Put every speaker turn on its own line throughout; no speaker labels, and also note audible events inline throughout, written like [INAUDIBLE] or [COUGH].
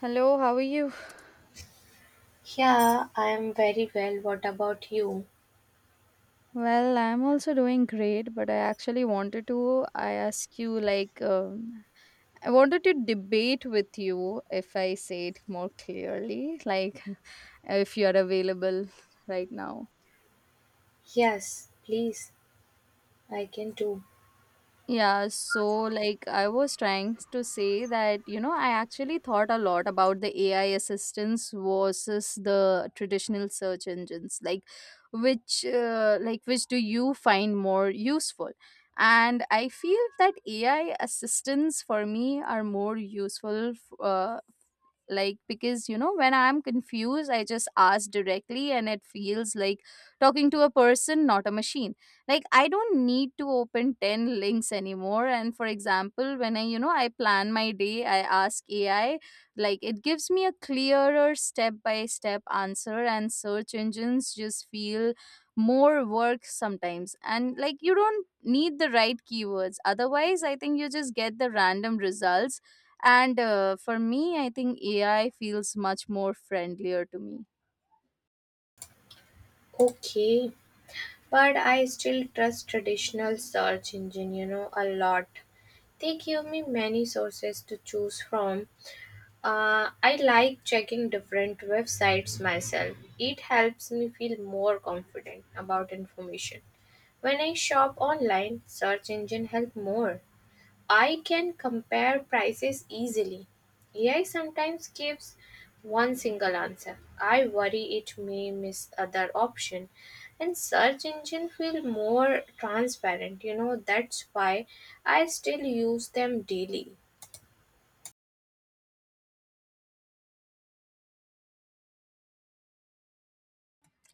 Hello, how are you?
Yeah, I am very well. What about you?
Well, I'm also doing great, but I actually wanted to I ask you like I wanted to debate with you if I say it more clearly, like [LAUGHS] if you are available right now.
Yes, please, I can do.
Yeah, so like I was trying to say that, you know, I actually thought a lot about the AI assistance versus the traditional search engines. Like, which do you find more useful? And I feel that AI assistants for me are more useful, like because you know when I'm confused I just ask directly and it feels like talking to a person, not a machine. Like, I don't need to open 10 links anymore, and for example, when I, you know, I plan my day, I ask AI. Like, it gives me a clearer step by step answer and search engines just feel more work sometimes. And like, you don't need the right keywords, otherwise I think you just get the random results. And for me, I think AI feels much more friendlier to me.
Okay, but I still trust traditional search engine, you know, a lot. They give me many sources to choose from. I like checking different websites myself. It helps me feel more confident about information. When I shop online, search engine help more. I can compare prices easily. AI sometimes gives one single answer. I worry it may miss other option, and search engine feel more transparent, you know, that's why I still use them daily.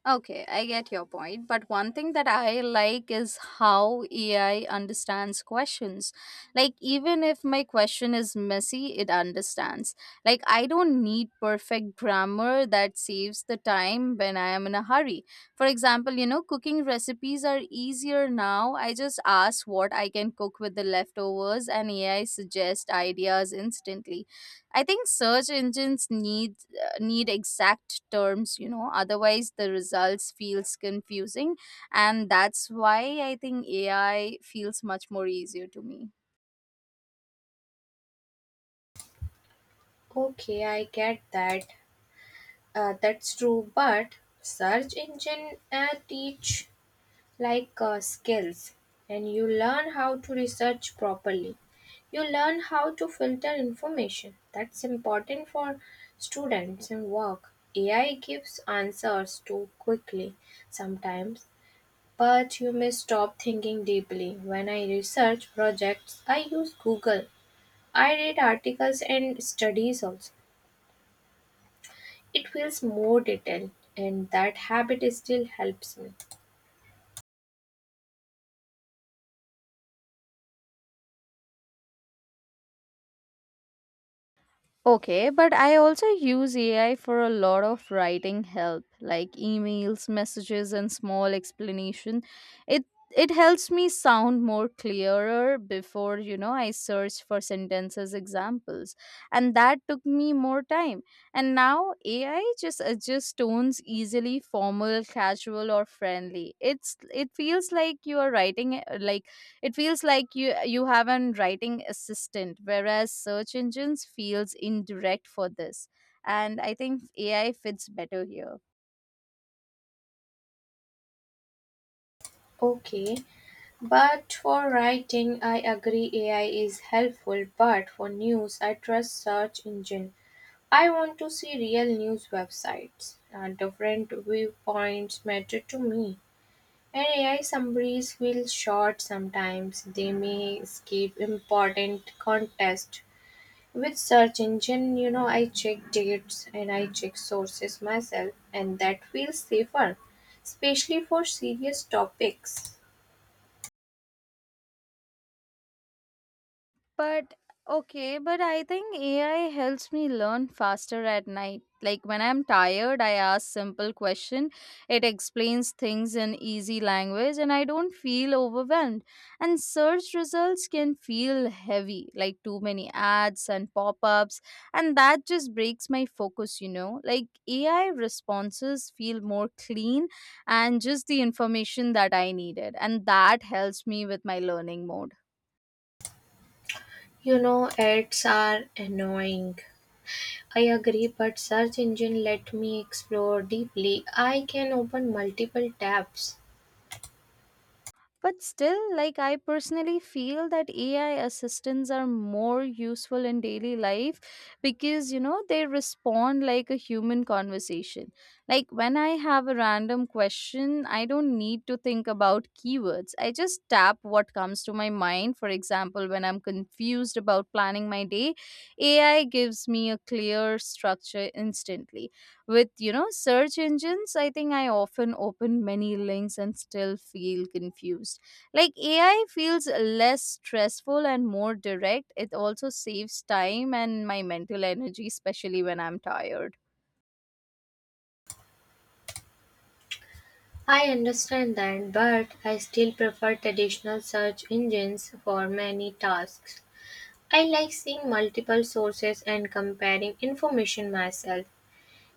Okay, I get your point. But one thing that I like is how AI understands questions. Like, even if my question is messy, it understands. Like, I don't need perfect grammar. That saves the time when I am in a hurry. For example, you know, cooking recipes are easier now. I just ask what I can cook with the leftovers, and AI suggests ideas instantly. I think search engines need exact terms, you know, otherwise the results feels confusing. And that's why I think AI feels much more easier to me.
Okay, I get that. That's true, but search engine teach skills, and you learn how to research properly. You learn how to filter information. That's important for students and work. AI gives answers too quickly sometimes, but you may stop thinking deeply. When I research projects, I use Google. I read articles and studies also. It feels more detailed, and that habit still helps me.
Okay, but I also use AI for a lot of writing help, like emails, messages, and small explanation. It it helps me sound more clearer. Before, you know, I search for sentences examples, and that took me more time. And now AI just adjusts tones easily, formal, casual, or friendly. It feels like you are writing, it feels like you have an writing assistant, whereas search engines feels indirect for this. And I think AI fits better here.
Okay, but for writing I agree AI is helpful, but for news I trust search engine. I want to see real news websites. Different viewpoints matter to me. And AI summaries feel short sometimes. They may skip important context. With search engine, you know, I check dates and I check sources myself, and that feels safer, especially for serious topics.
But Okay, but I think AI helps me learn faster at night. Like when I'm tired, I ask simple question. It explains things in easy language and I don't feel overwhelmed. And search results can feel heavy, like too many ads and pop-ups, and that just breaks my focus, you know. Like AI responses feel more clean and just the information that I needed, and that helps me with my learning mode.
You know, ads are annoying. I agree, but search engine let me explore deeply. I can open multiple tabs.
But still, like, I personally feel that AI assistants are more useful in daily life because you know they respond like a human conversation. Like when I have a random question, I don't need to think about keywords. I just tap what comes to my mind. For example, when I'm confused about planning my day, AI gives me a clear structure instantly. With, you know, search engines, I think I often open many links and still feel confused. Like AI feels less stressful and more direct. It also saves time and my mental energy, especially when I'm tired.
I understand that, but I still prefer traditional search engines for many tasks. I like seeing multiple sources and comparing information myself.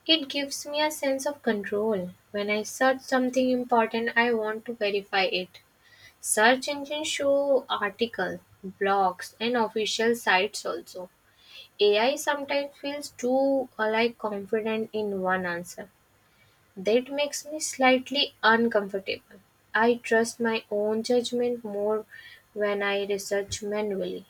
It gives me a sense of control. When I search something important, I want to verify it. Search engines show articles, blogs, and official sites also. AI sometimes feels too like confident in one answer. That makes me slightly uncomfortable. I trust my own judgment more when I research manually.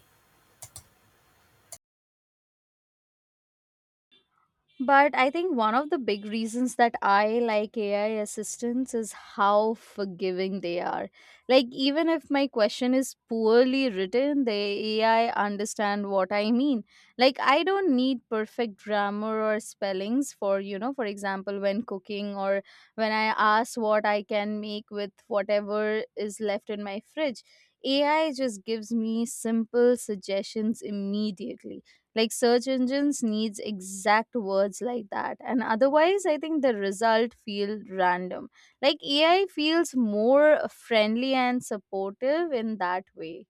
But I think one of the big reasons that I like AI assistants is how forgiving they are. Like, even if my question is poorly written, the AI understand what I mean. Like, I don't need perfect grammar or spellings for, you know, for example, when cooking or when I ask what I can make with whatever is left in my fridge. AI just gives me simple suggestions immediately. Like, search engines needs exact words like that, and otherwise I think the result feel random. Like, AI feels more friendly and supportive in that way.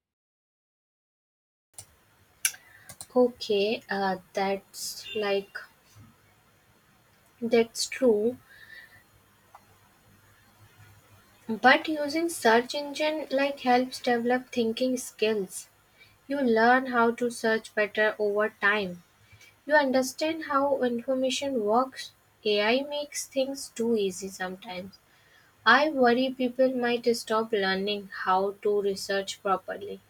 Okay, that's true. But using search engine like helps develop thinking skills. You learn how to search better over time. You understand how information works. AI makes things too easy sometimes. I worry people might stop learning how to research properly.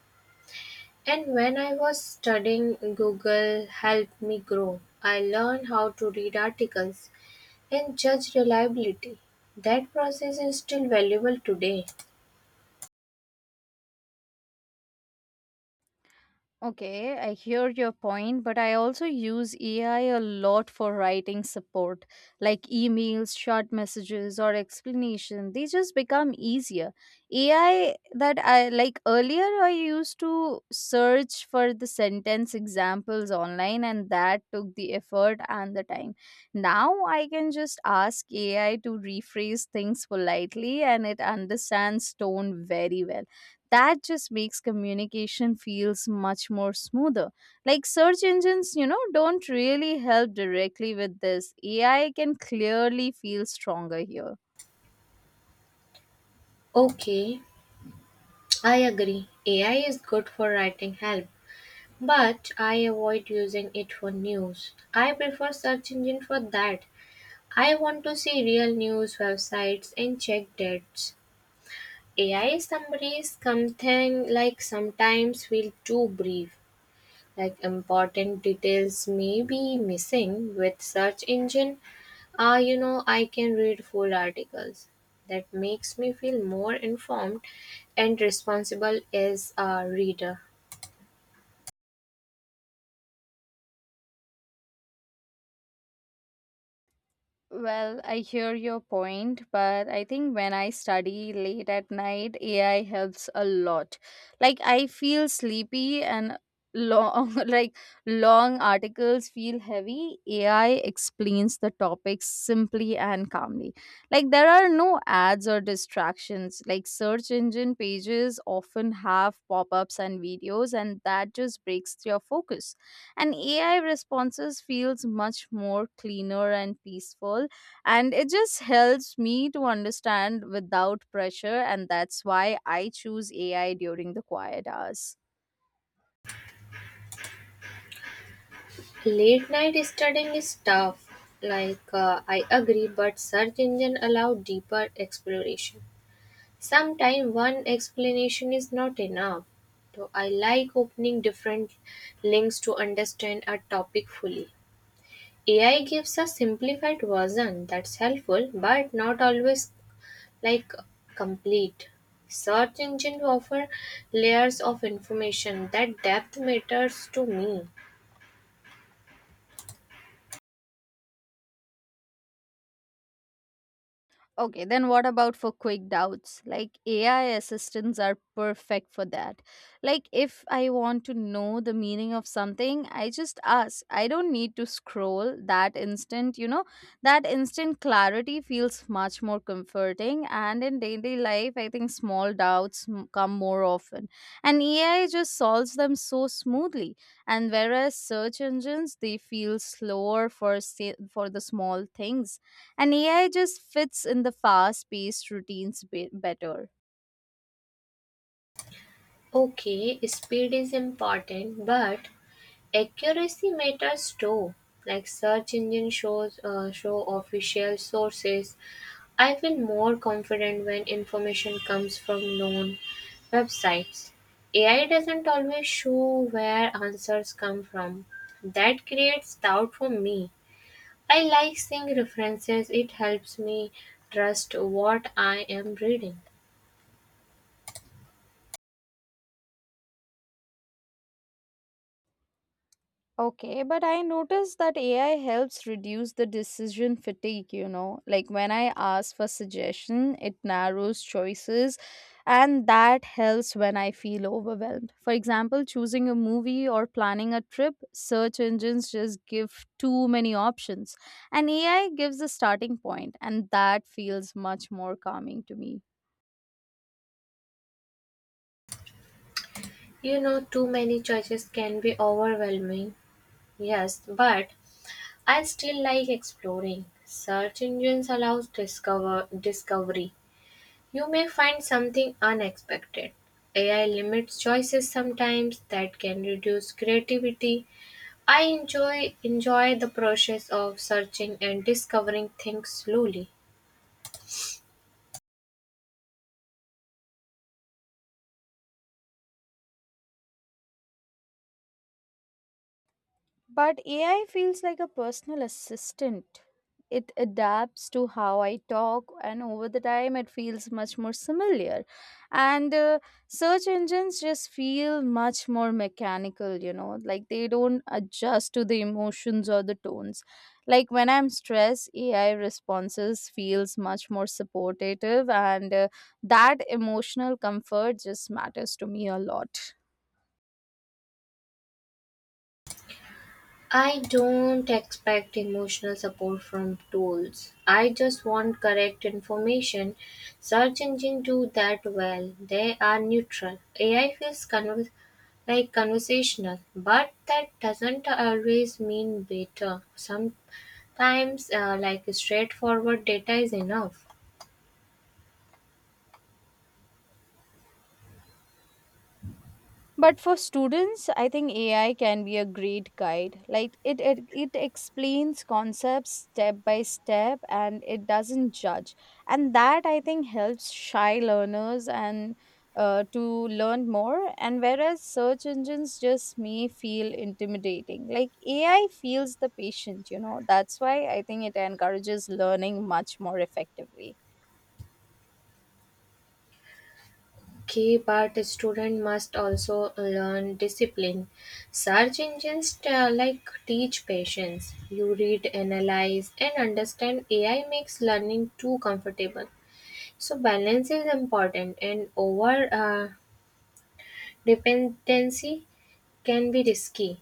And when I was studying, Google helped me grow. I learned how to read articles and judge reliability. That process is still valuable today.
Okay, I hear your point, but I also use AI a lot for writing support, like emails, short messages, or explanation. They just become easier. AI, that I like earlier, I used to search for the sentence examples online, and that took the effort and the time. Now I can just ask AI to rephrase things politely, and it understands tone very well. That just makes communication feels much more smoother. Like, search engines, you know, don't really help directly with this. AI can clearly feel stronger here.
Okay, I agree. AI is good for writing help, but I avoid using it for news. I prefer search engine for that. I want to see real news websites and check dates. AI summaries something like sometimes feel too brief, like important details may be missing with search engine. You know, I can read full articles. That makes me feel more informed and responsible as a reader.
Well, I hear your point, but I think when I study late at night, AI helps a lot. Like, I feel sleepy and long [LAUGHS] like long articles feel heavy. AI explains the topics simply and calmly. Like, there are no ads or distractions. Like, search engine pages often have pop-ups and videos, and that just breaks your focus. And AI responses feels much more cleaner and peaceful, and it just helps me to understand without pressure. And that's why I choose AI during the quiet hours.
Late night studying is tough. Like, I agree, but search engine allow deeper exploration. Sometimes one explanation is not enough. So I like opening different links to understand a topic fully. AI gives a simplified version that's helpful, but not always, like, complete. Search engine offer layers of information. That depth matters to me.
Okay, then what about for quick doubts? Like, AI assistants are perfect for that. Like, if I want to know the meaning of something, I just ask. I don't need to scroll that instant, you know. That instant clarity feels much more comforting, and in daily life, I think small doubts come more often. And AI just solves them so smoothly. And whereas search engines, they feel slower for for the small things, and AI just fits in the fast paced routines better.
Okay, speed is important, but accuracy matters too. Like search engine show official sources. I feel more confident when information comes from known websites. AI doesn't always show where answers come from. That creates doubt for me. I like seeing references. It helps me trust what I am reading.
Okay, but I noticed that AI helps reduce the decision fatigue, you know. Like when I ask for suggestion, it narrows choices and that helps when I feel overwhelmed. For example, choosing a movie or planning a trip, search engines just give too many options. And AI gives a starting point, and that feels much more calming to me.
You know, too many choices can be overwhelming. Yes, but I still like exploring. Search engines allows discovery. You may find something unexpected. AI limits choices sometimes that can reduce creativity. I enjoy the process of searching and discovering things slowly.
But AI feels like a personal assistant. It adapts to how I talk, and over the time, it feels much more similar. And search engines just feel much more mechanical, you know, like they don't adjust to the emotions or the tones. Like when I'm stressed, AI responses feels much more supportive, and that emotional comfort just matters to me a lot.
I don't expect emotional support from tools. I just want correct information. Search engines do that well. They are neutral. AI feels like conversational, but that doesn't always mean better. Sometimes, like, straightforward data is enough.
But for students, I think AI can be a great guide. Like it explains concepts step by step and it doesn't judge. And that I think helps shy learners and to learn more. And whereas search engines just may feel intimidating, like AI feels the patient, you know. That's why I think it encourages learning much more effectively.
Okay, but a student must also learn discipline. Search engines like teach patience. You read, analyze, and understand. AI makes learning too comfortable. So balance is important, and over uh, dependency can be risky.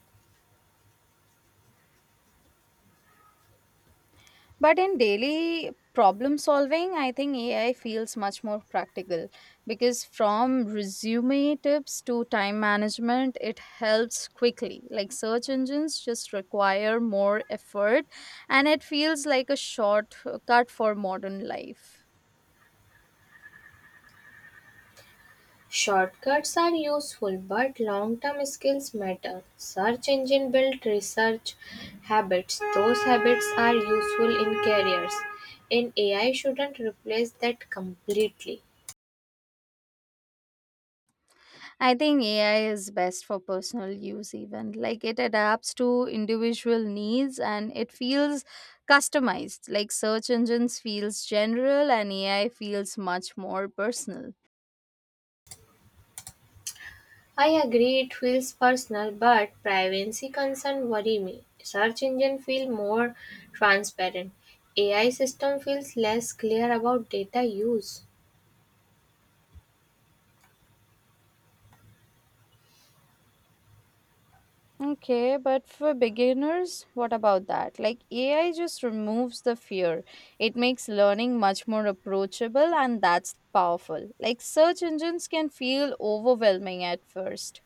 But in daily problem solving, I think AI feels much more practical because from resume tips to time management, it helps quickly. Like, search engines just require more effort, and it feels like a shortcut for modern life.
Shortcuts are useful, but long-term skills matter. Search engine built research habits. Those habits are useful in careers, and AI shouldn't replace that completely.
I think AI is best for personal use, even. Like, it adapts to individual needs and it feels customized. Like, search engines feels general and AI feels much more personal.
I agree it feels personal, but privacy concerns worry me. Search engine feel more transparent. AI system feels less clear about data use.
Okay, but for beginners, what about that? Like, AI just removes the fear. It makes learning much more approachable, and that's powerful. Like, search engines can feel overwhelming at first.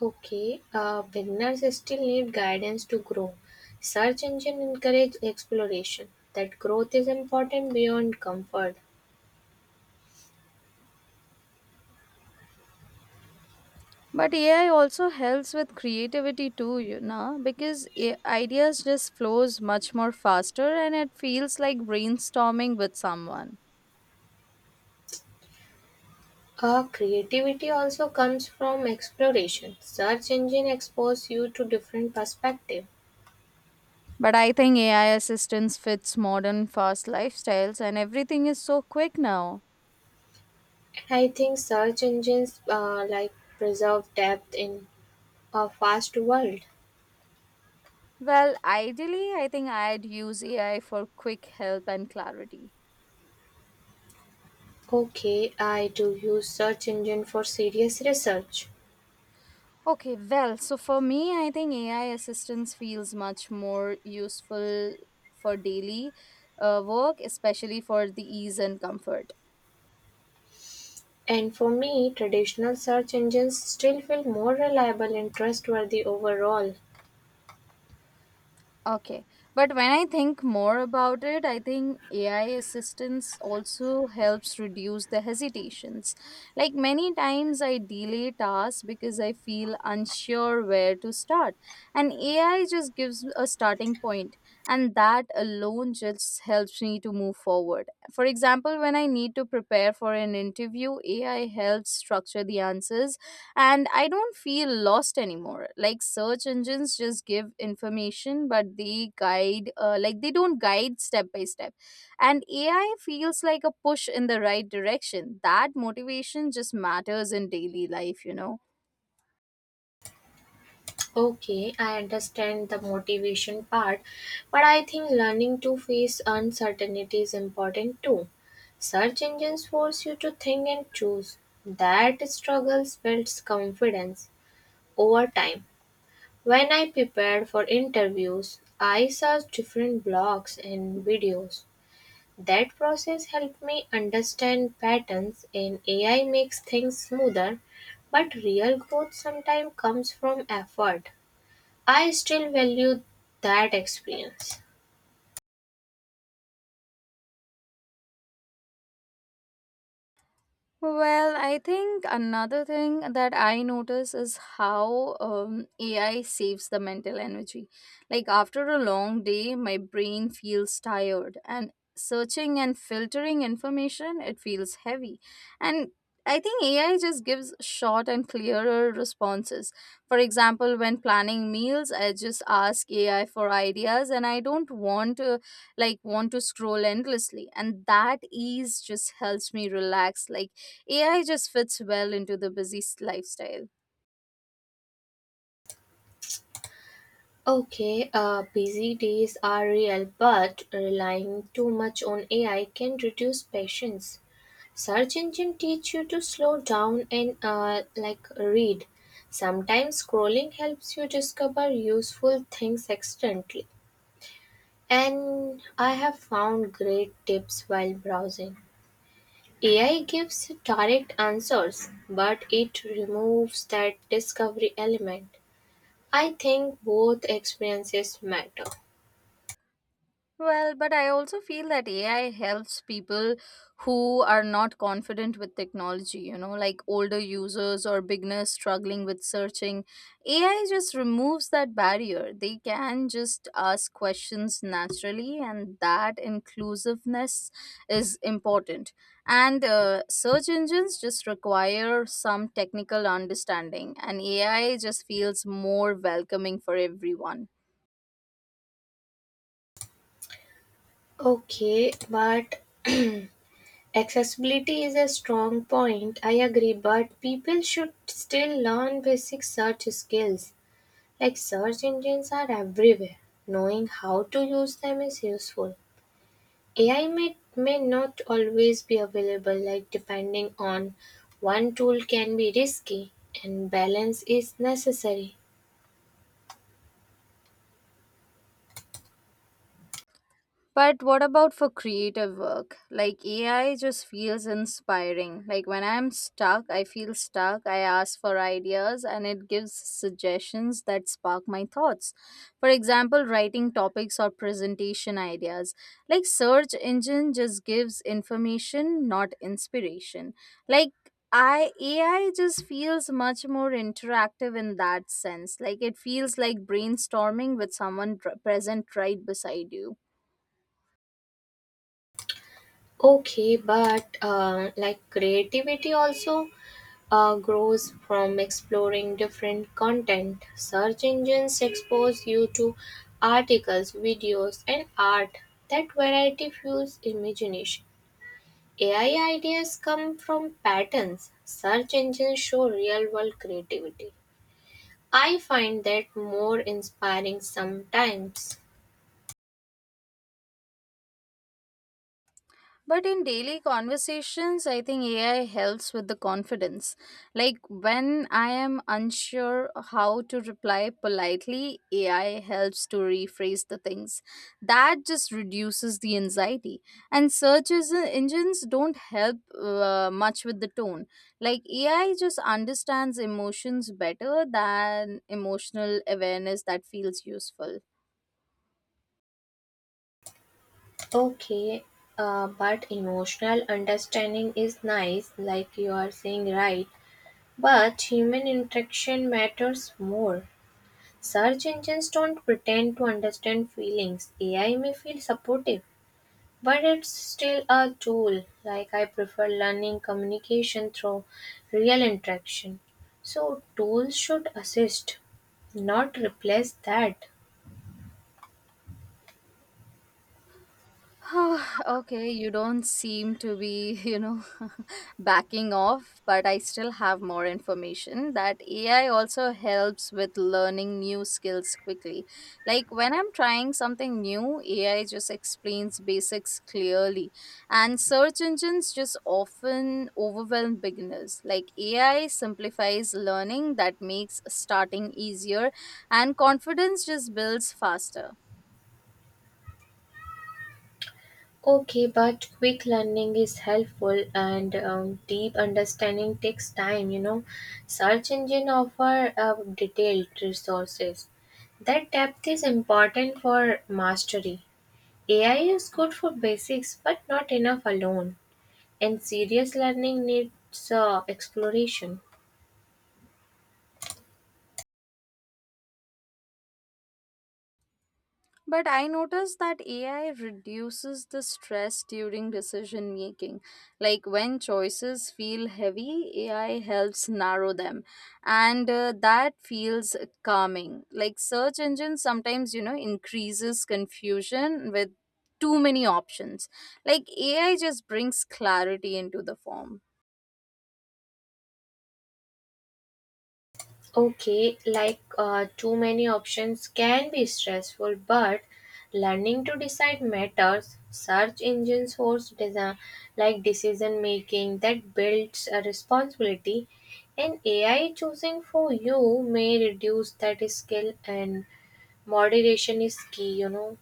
Okay, beginners still need guidance to grow. Search engine encourage exploration. That growth is important beyond comfort.
But AI also helps with creativity too, you know, because ideas just flows much more faster and it feels like brainstorming with someone.
Creativity also comes from exploration. Search engine expose you to different perspective.
But I think AI assistance fits modern fast lifestyles and everything is so quick now.
And I think search engines preserve depth in a fast world.
Well, ideally, I think I'd use AI for quick help and clarity.
Okay, I do use search engine for serious research.
Okay, well, so for me, I think AI assistance feels much more useful for daily work, especially for the ease and comfort.
And for me, traditional search engines still feel more reliable and trustworthy overall.
Okay, but when I think more about it, I think AI assistance also helps reduce the hesitations. Like, many times, I delay tasks because I feel unsure where to start, and AI just gives a starting point, and that alone just helps me to move forward. For example, when I need to prepare for an interview, AI helps structure the answers and I don't feel lost anymore. Like, search engines just give information, but they guide, they don't guide step by step. And AI feels like a push in the right direction. That motivation just matters in daily life, you know.
Okay, I understand the motivation part, but I think learning to face uncertainty is important too. Search engines force you to think and choose. That struggle builds confidence over time. When I prepared for interviews, I searched different blogs and videos. That process helped me understand patterns, and AI makes things smoother, but real growth sometimes comes from effort. I still value that experience.
Well, I think another thing that I notice is how AI saves the mental energy. Like, after a long day, my brain feels tired, and searching and filtering information, it feels heavy. And I think AI just gives short and clearer responses. For example, when planning meals, I just ask AI for ideas, and I don't want to scroll endlessly. And that ease just helps me relax. Like, AI just fits well into the busy lifestyle.
Okay, busy days are real, but relying too much on AI can reduce patience. Search engine teach you to slow down and like read. Sometimes scrolling helps you discover useful things accidentally. And I have found great tips while browsing. AI gives direct answers, but it removes that discovery element. I think both experiences matter.
Well, but I also feel that AI helps people who are not confident with technology, you know, like older users or beginners struggling with searching. AI just removes that barrier. They can just ask questions naturally, and that inclusiveness is important. And search engines just require some technical understanding, and AI just feels more welcoming for everyone.
Okay, but accessibility is a strong point. I agree, but people should still learn basic search skills. Like search engines are everywhere. Knowing how to use them is useful. AI may not always be available, like depending on one tool can be risky, and balance is necessary.
But what about for creative work? Like, AI just feels inspiring. Like, when I'm stuck, I feel stuck. I ask for ideas and it gives suggestions that spark my thoughts. For example, writing topics or presentation ideas. Like search engine just gives information, not inspiration. Like I AI just feels much more interactive in that sense. Like it feels like brainstorming with someone present right beside you.
Okay, but like creativity also grows from exploring different content. Search engines expose you to articles, videos, and art. That variety fuels imagination. AI ideas come from patterns. Search engines show real world creativity. I find that more inspiring sometimes.
But in daily conversations, I think AI helps with the confidence. Like when I am unsure how to reply politely, AI helps to rephrase the things. That just reduces the anxiety. And engines don't help much with the tone. Like AI just understands emotions better than emotional awareness that feels useful.
Okay, but emotional understanding is nice, like you are saying, right? But human interaction matters more. Search engines don't pretend to understand feelings. AI may feel supportive, but it's still a tool. Like I prefer learning communication through real interaction. So tools should assist, not replace that.
[SIGHS] Ah, okay, you don't seem to be, [LAUGHS] [LAUGHS] backing off, but I still have more information that AI also helps with learning new skills quickly. Like when I'm trying something new, AI just explains basics clearly, and search engines just often overwhelm beginners. Like AI simplifies learning that makes starting easier, and confidence just builds faster.
Okay, but quick learning is helpful and deep understanding takes time, you know. Search engine offer detailed resources. That depth is important for mastery. AI is good for basics but not enough alone. And serious learning needs exploration.
But I noticed that AI reduces the stress during decision making. Like when choices feel heavy, AI helps narrow them. And that feels calming. Like search engines sometimes, increases confusion with too many options. Like AI just brings clarity into the form.
Okay, like too many options can be stressful, but learning to decide matters. Search engines like decision making that builds a responsibility, and AI choosing for you may reduce that skill, and moderation is key, you know.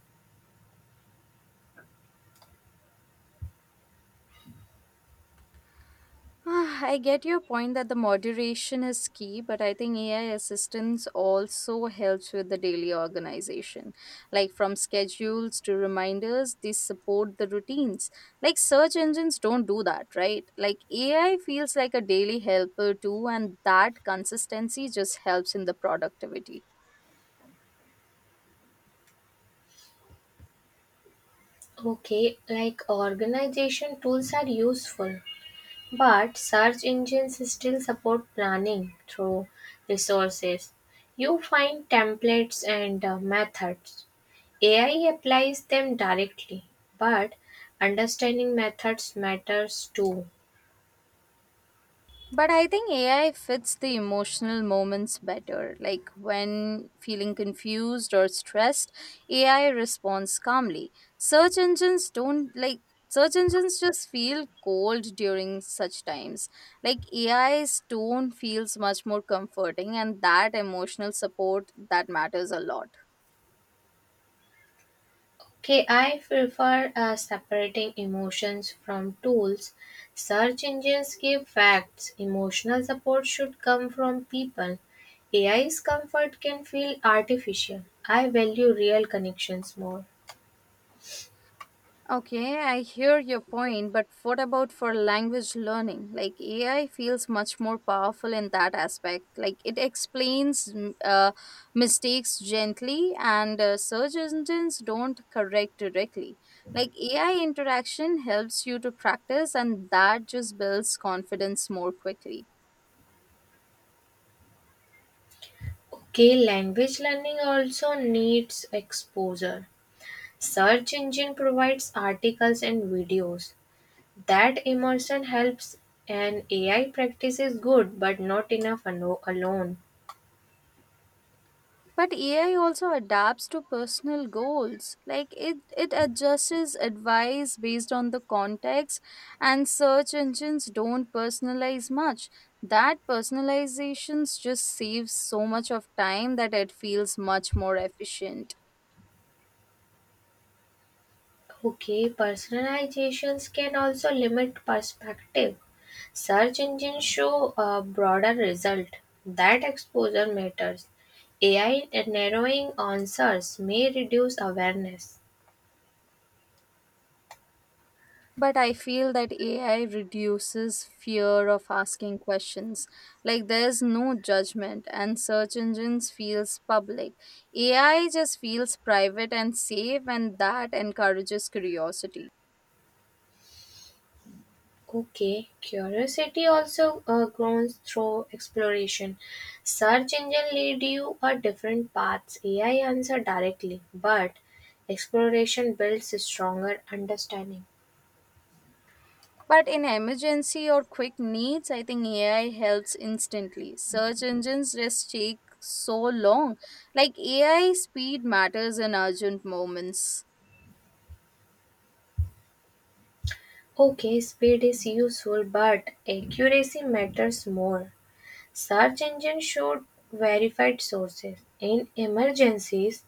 Ah, I get your point that the moderation is key, but I think AI assistance also helps with the daily organization. Like from schedules to reminders, they support the routines. Like search engines don't do that, right? Like AI feels like a daily helper too, and that consistency just helps in the productivity.
Okay, like organization tools are useful, but search engines still support planning through resources. You find templates and methods. AI applies them directly, but understanding methods matters too.
But I think AI fits the emotional moments better. Like when feeling confused or stressed, AI responds calmly. Search engines don't like search engines just feel cold during such times. Like AI's tone feels much more comforting and that emotional support that matters a lot.
Okay, I prefer separating emotions from tools. Search engines give facts. Emotional support should come from people. AI's comfort can feel artificial. I value real connections more.
Okay, I hear your point, but what about for language learning? Like AI feels much more powerful in that aspect. Like it explains mistakes gently, and search engines don't correct directly. Like AI interaction helps you to practice, and that just builds confidence more quickly.
Key language learning also needs exposure. Search engine provides articles and videos. That immersion helps, and AI practice is good but not enough alone.
But AI also adapts to personal goals. Like it adjusts advice based on the context, and search engines don't personalize much. That personalizations just saves so much of time that it feels much more efficient.
Okay, personalizations can also limit perspective. Search engines show a broader result. That exposure matters. AI narrowing answers may reduce awareness.
But I feel that AI reduces fear of asking questions. Like there's no judgment and search engines feels public. AI just feels private and safe and that encourages curiosity.
Okay, curiosity also grows through exploration. Search engine lead you a different paths. AI answer directly, but exploration builds stronger understanding.
But in emergency or quick needs, I think AI helps instantly. Search engines just take so long. Like AI speed matters in urgent moments.
Okay, speed is useful, but accuracy matters more. Search engine should verified sources. In emergencies,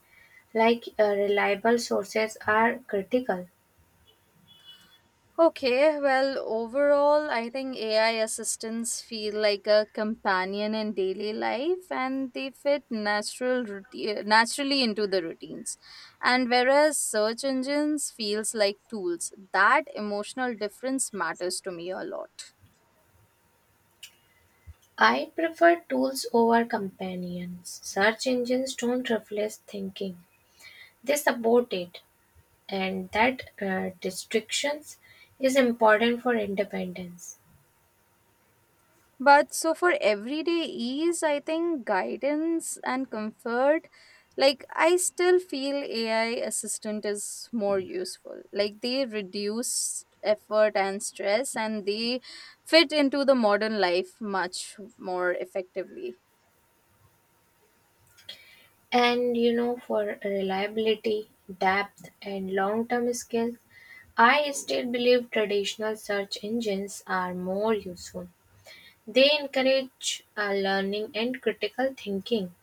like, reliable sources are critical.
Okay, well, overall, I think AI assistants feel like a companion in daily life and they fit naturally into the routines. And whereas search engines feels like tools, that emotional difference matters to me a lot.
I prefer tools over companions. Search engines don't reflect thinking, they support it, and that distractions is important for independence.
But so for everyday ease, I think guidance and comfort, like I still feel AI assistant is more useful. Like they reduce effort and stress and they fit into the modern life much more effectively.
And you know, for reliability, depth, and long term skills, I still believe traditional search engines are more useful. They encourage learning and critical thinking.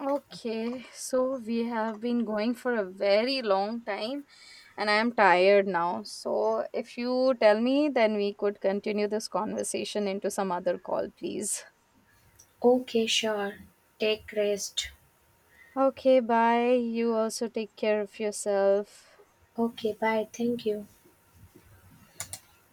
Okay, so we have been going for a very long time and I am tired now. So if you tell me, then we could continue this conversation into some other call, please.
Okay, sure. Take rest.
Okay, bye. You also take care of yourself.
Okay, bye. Thank you.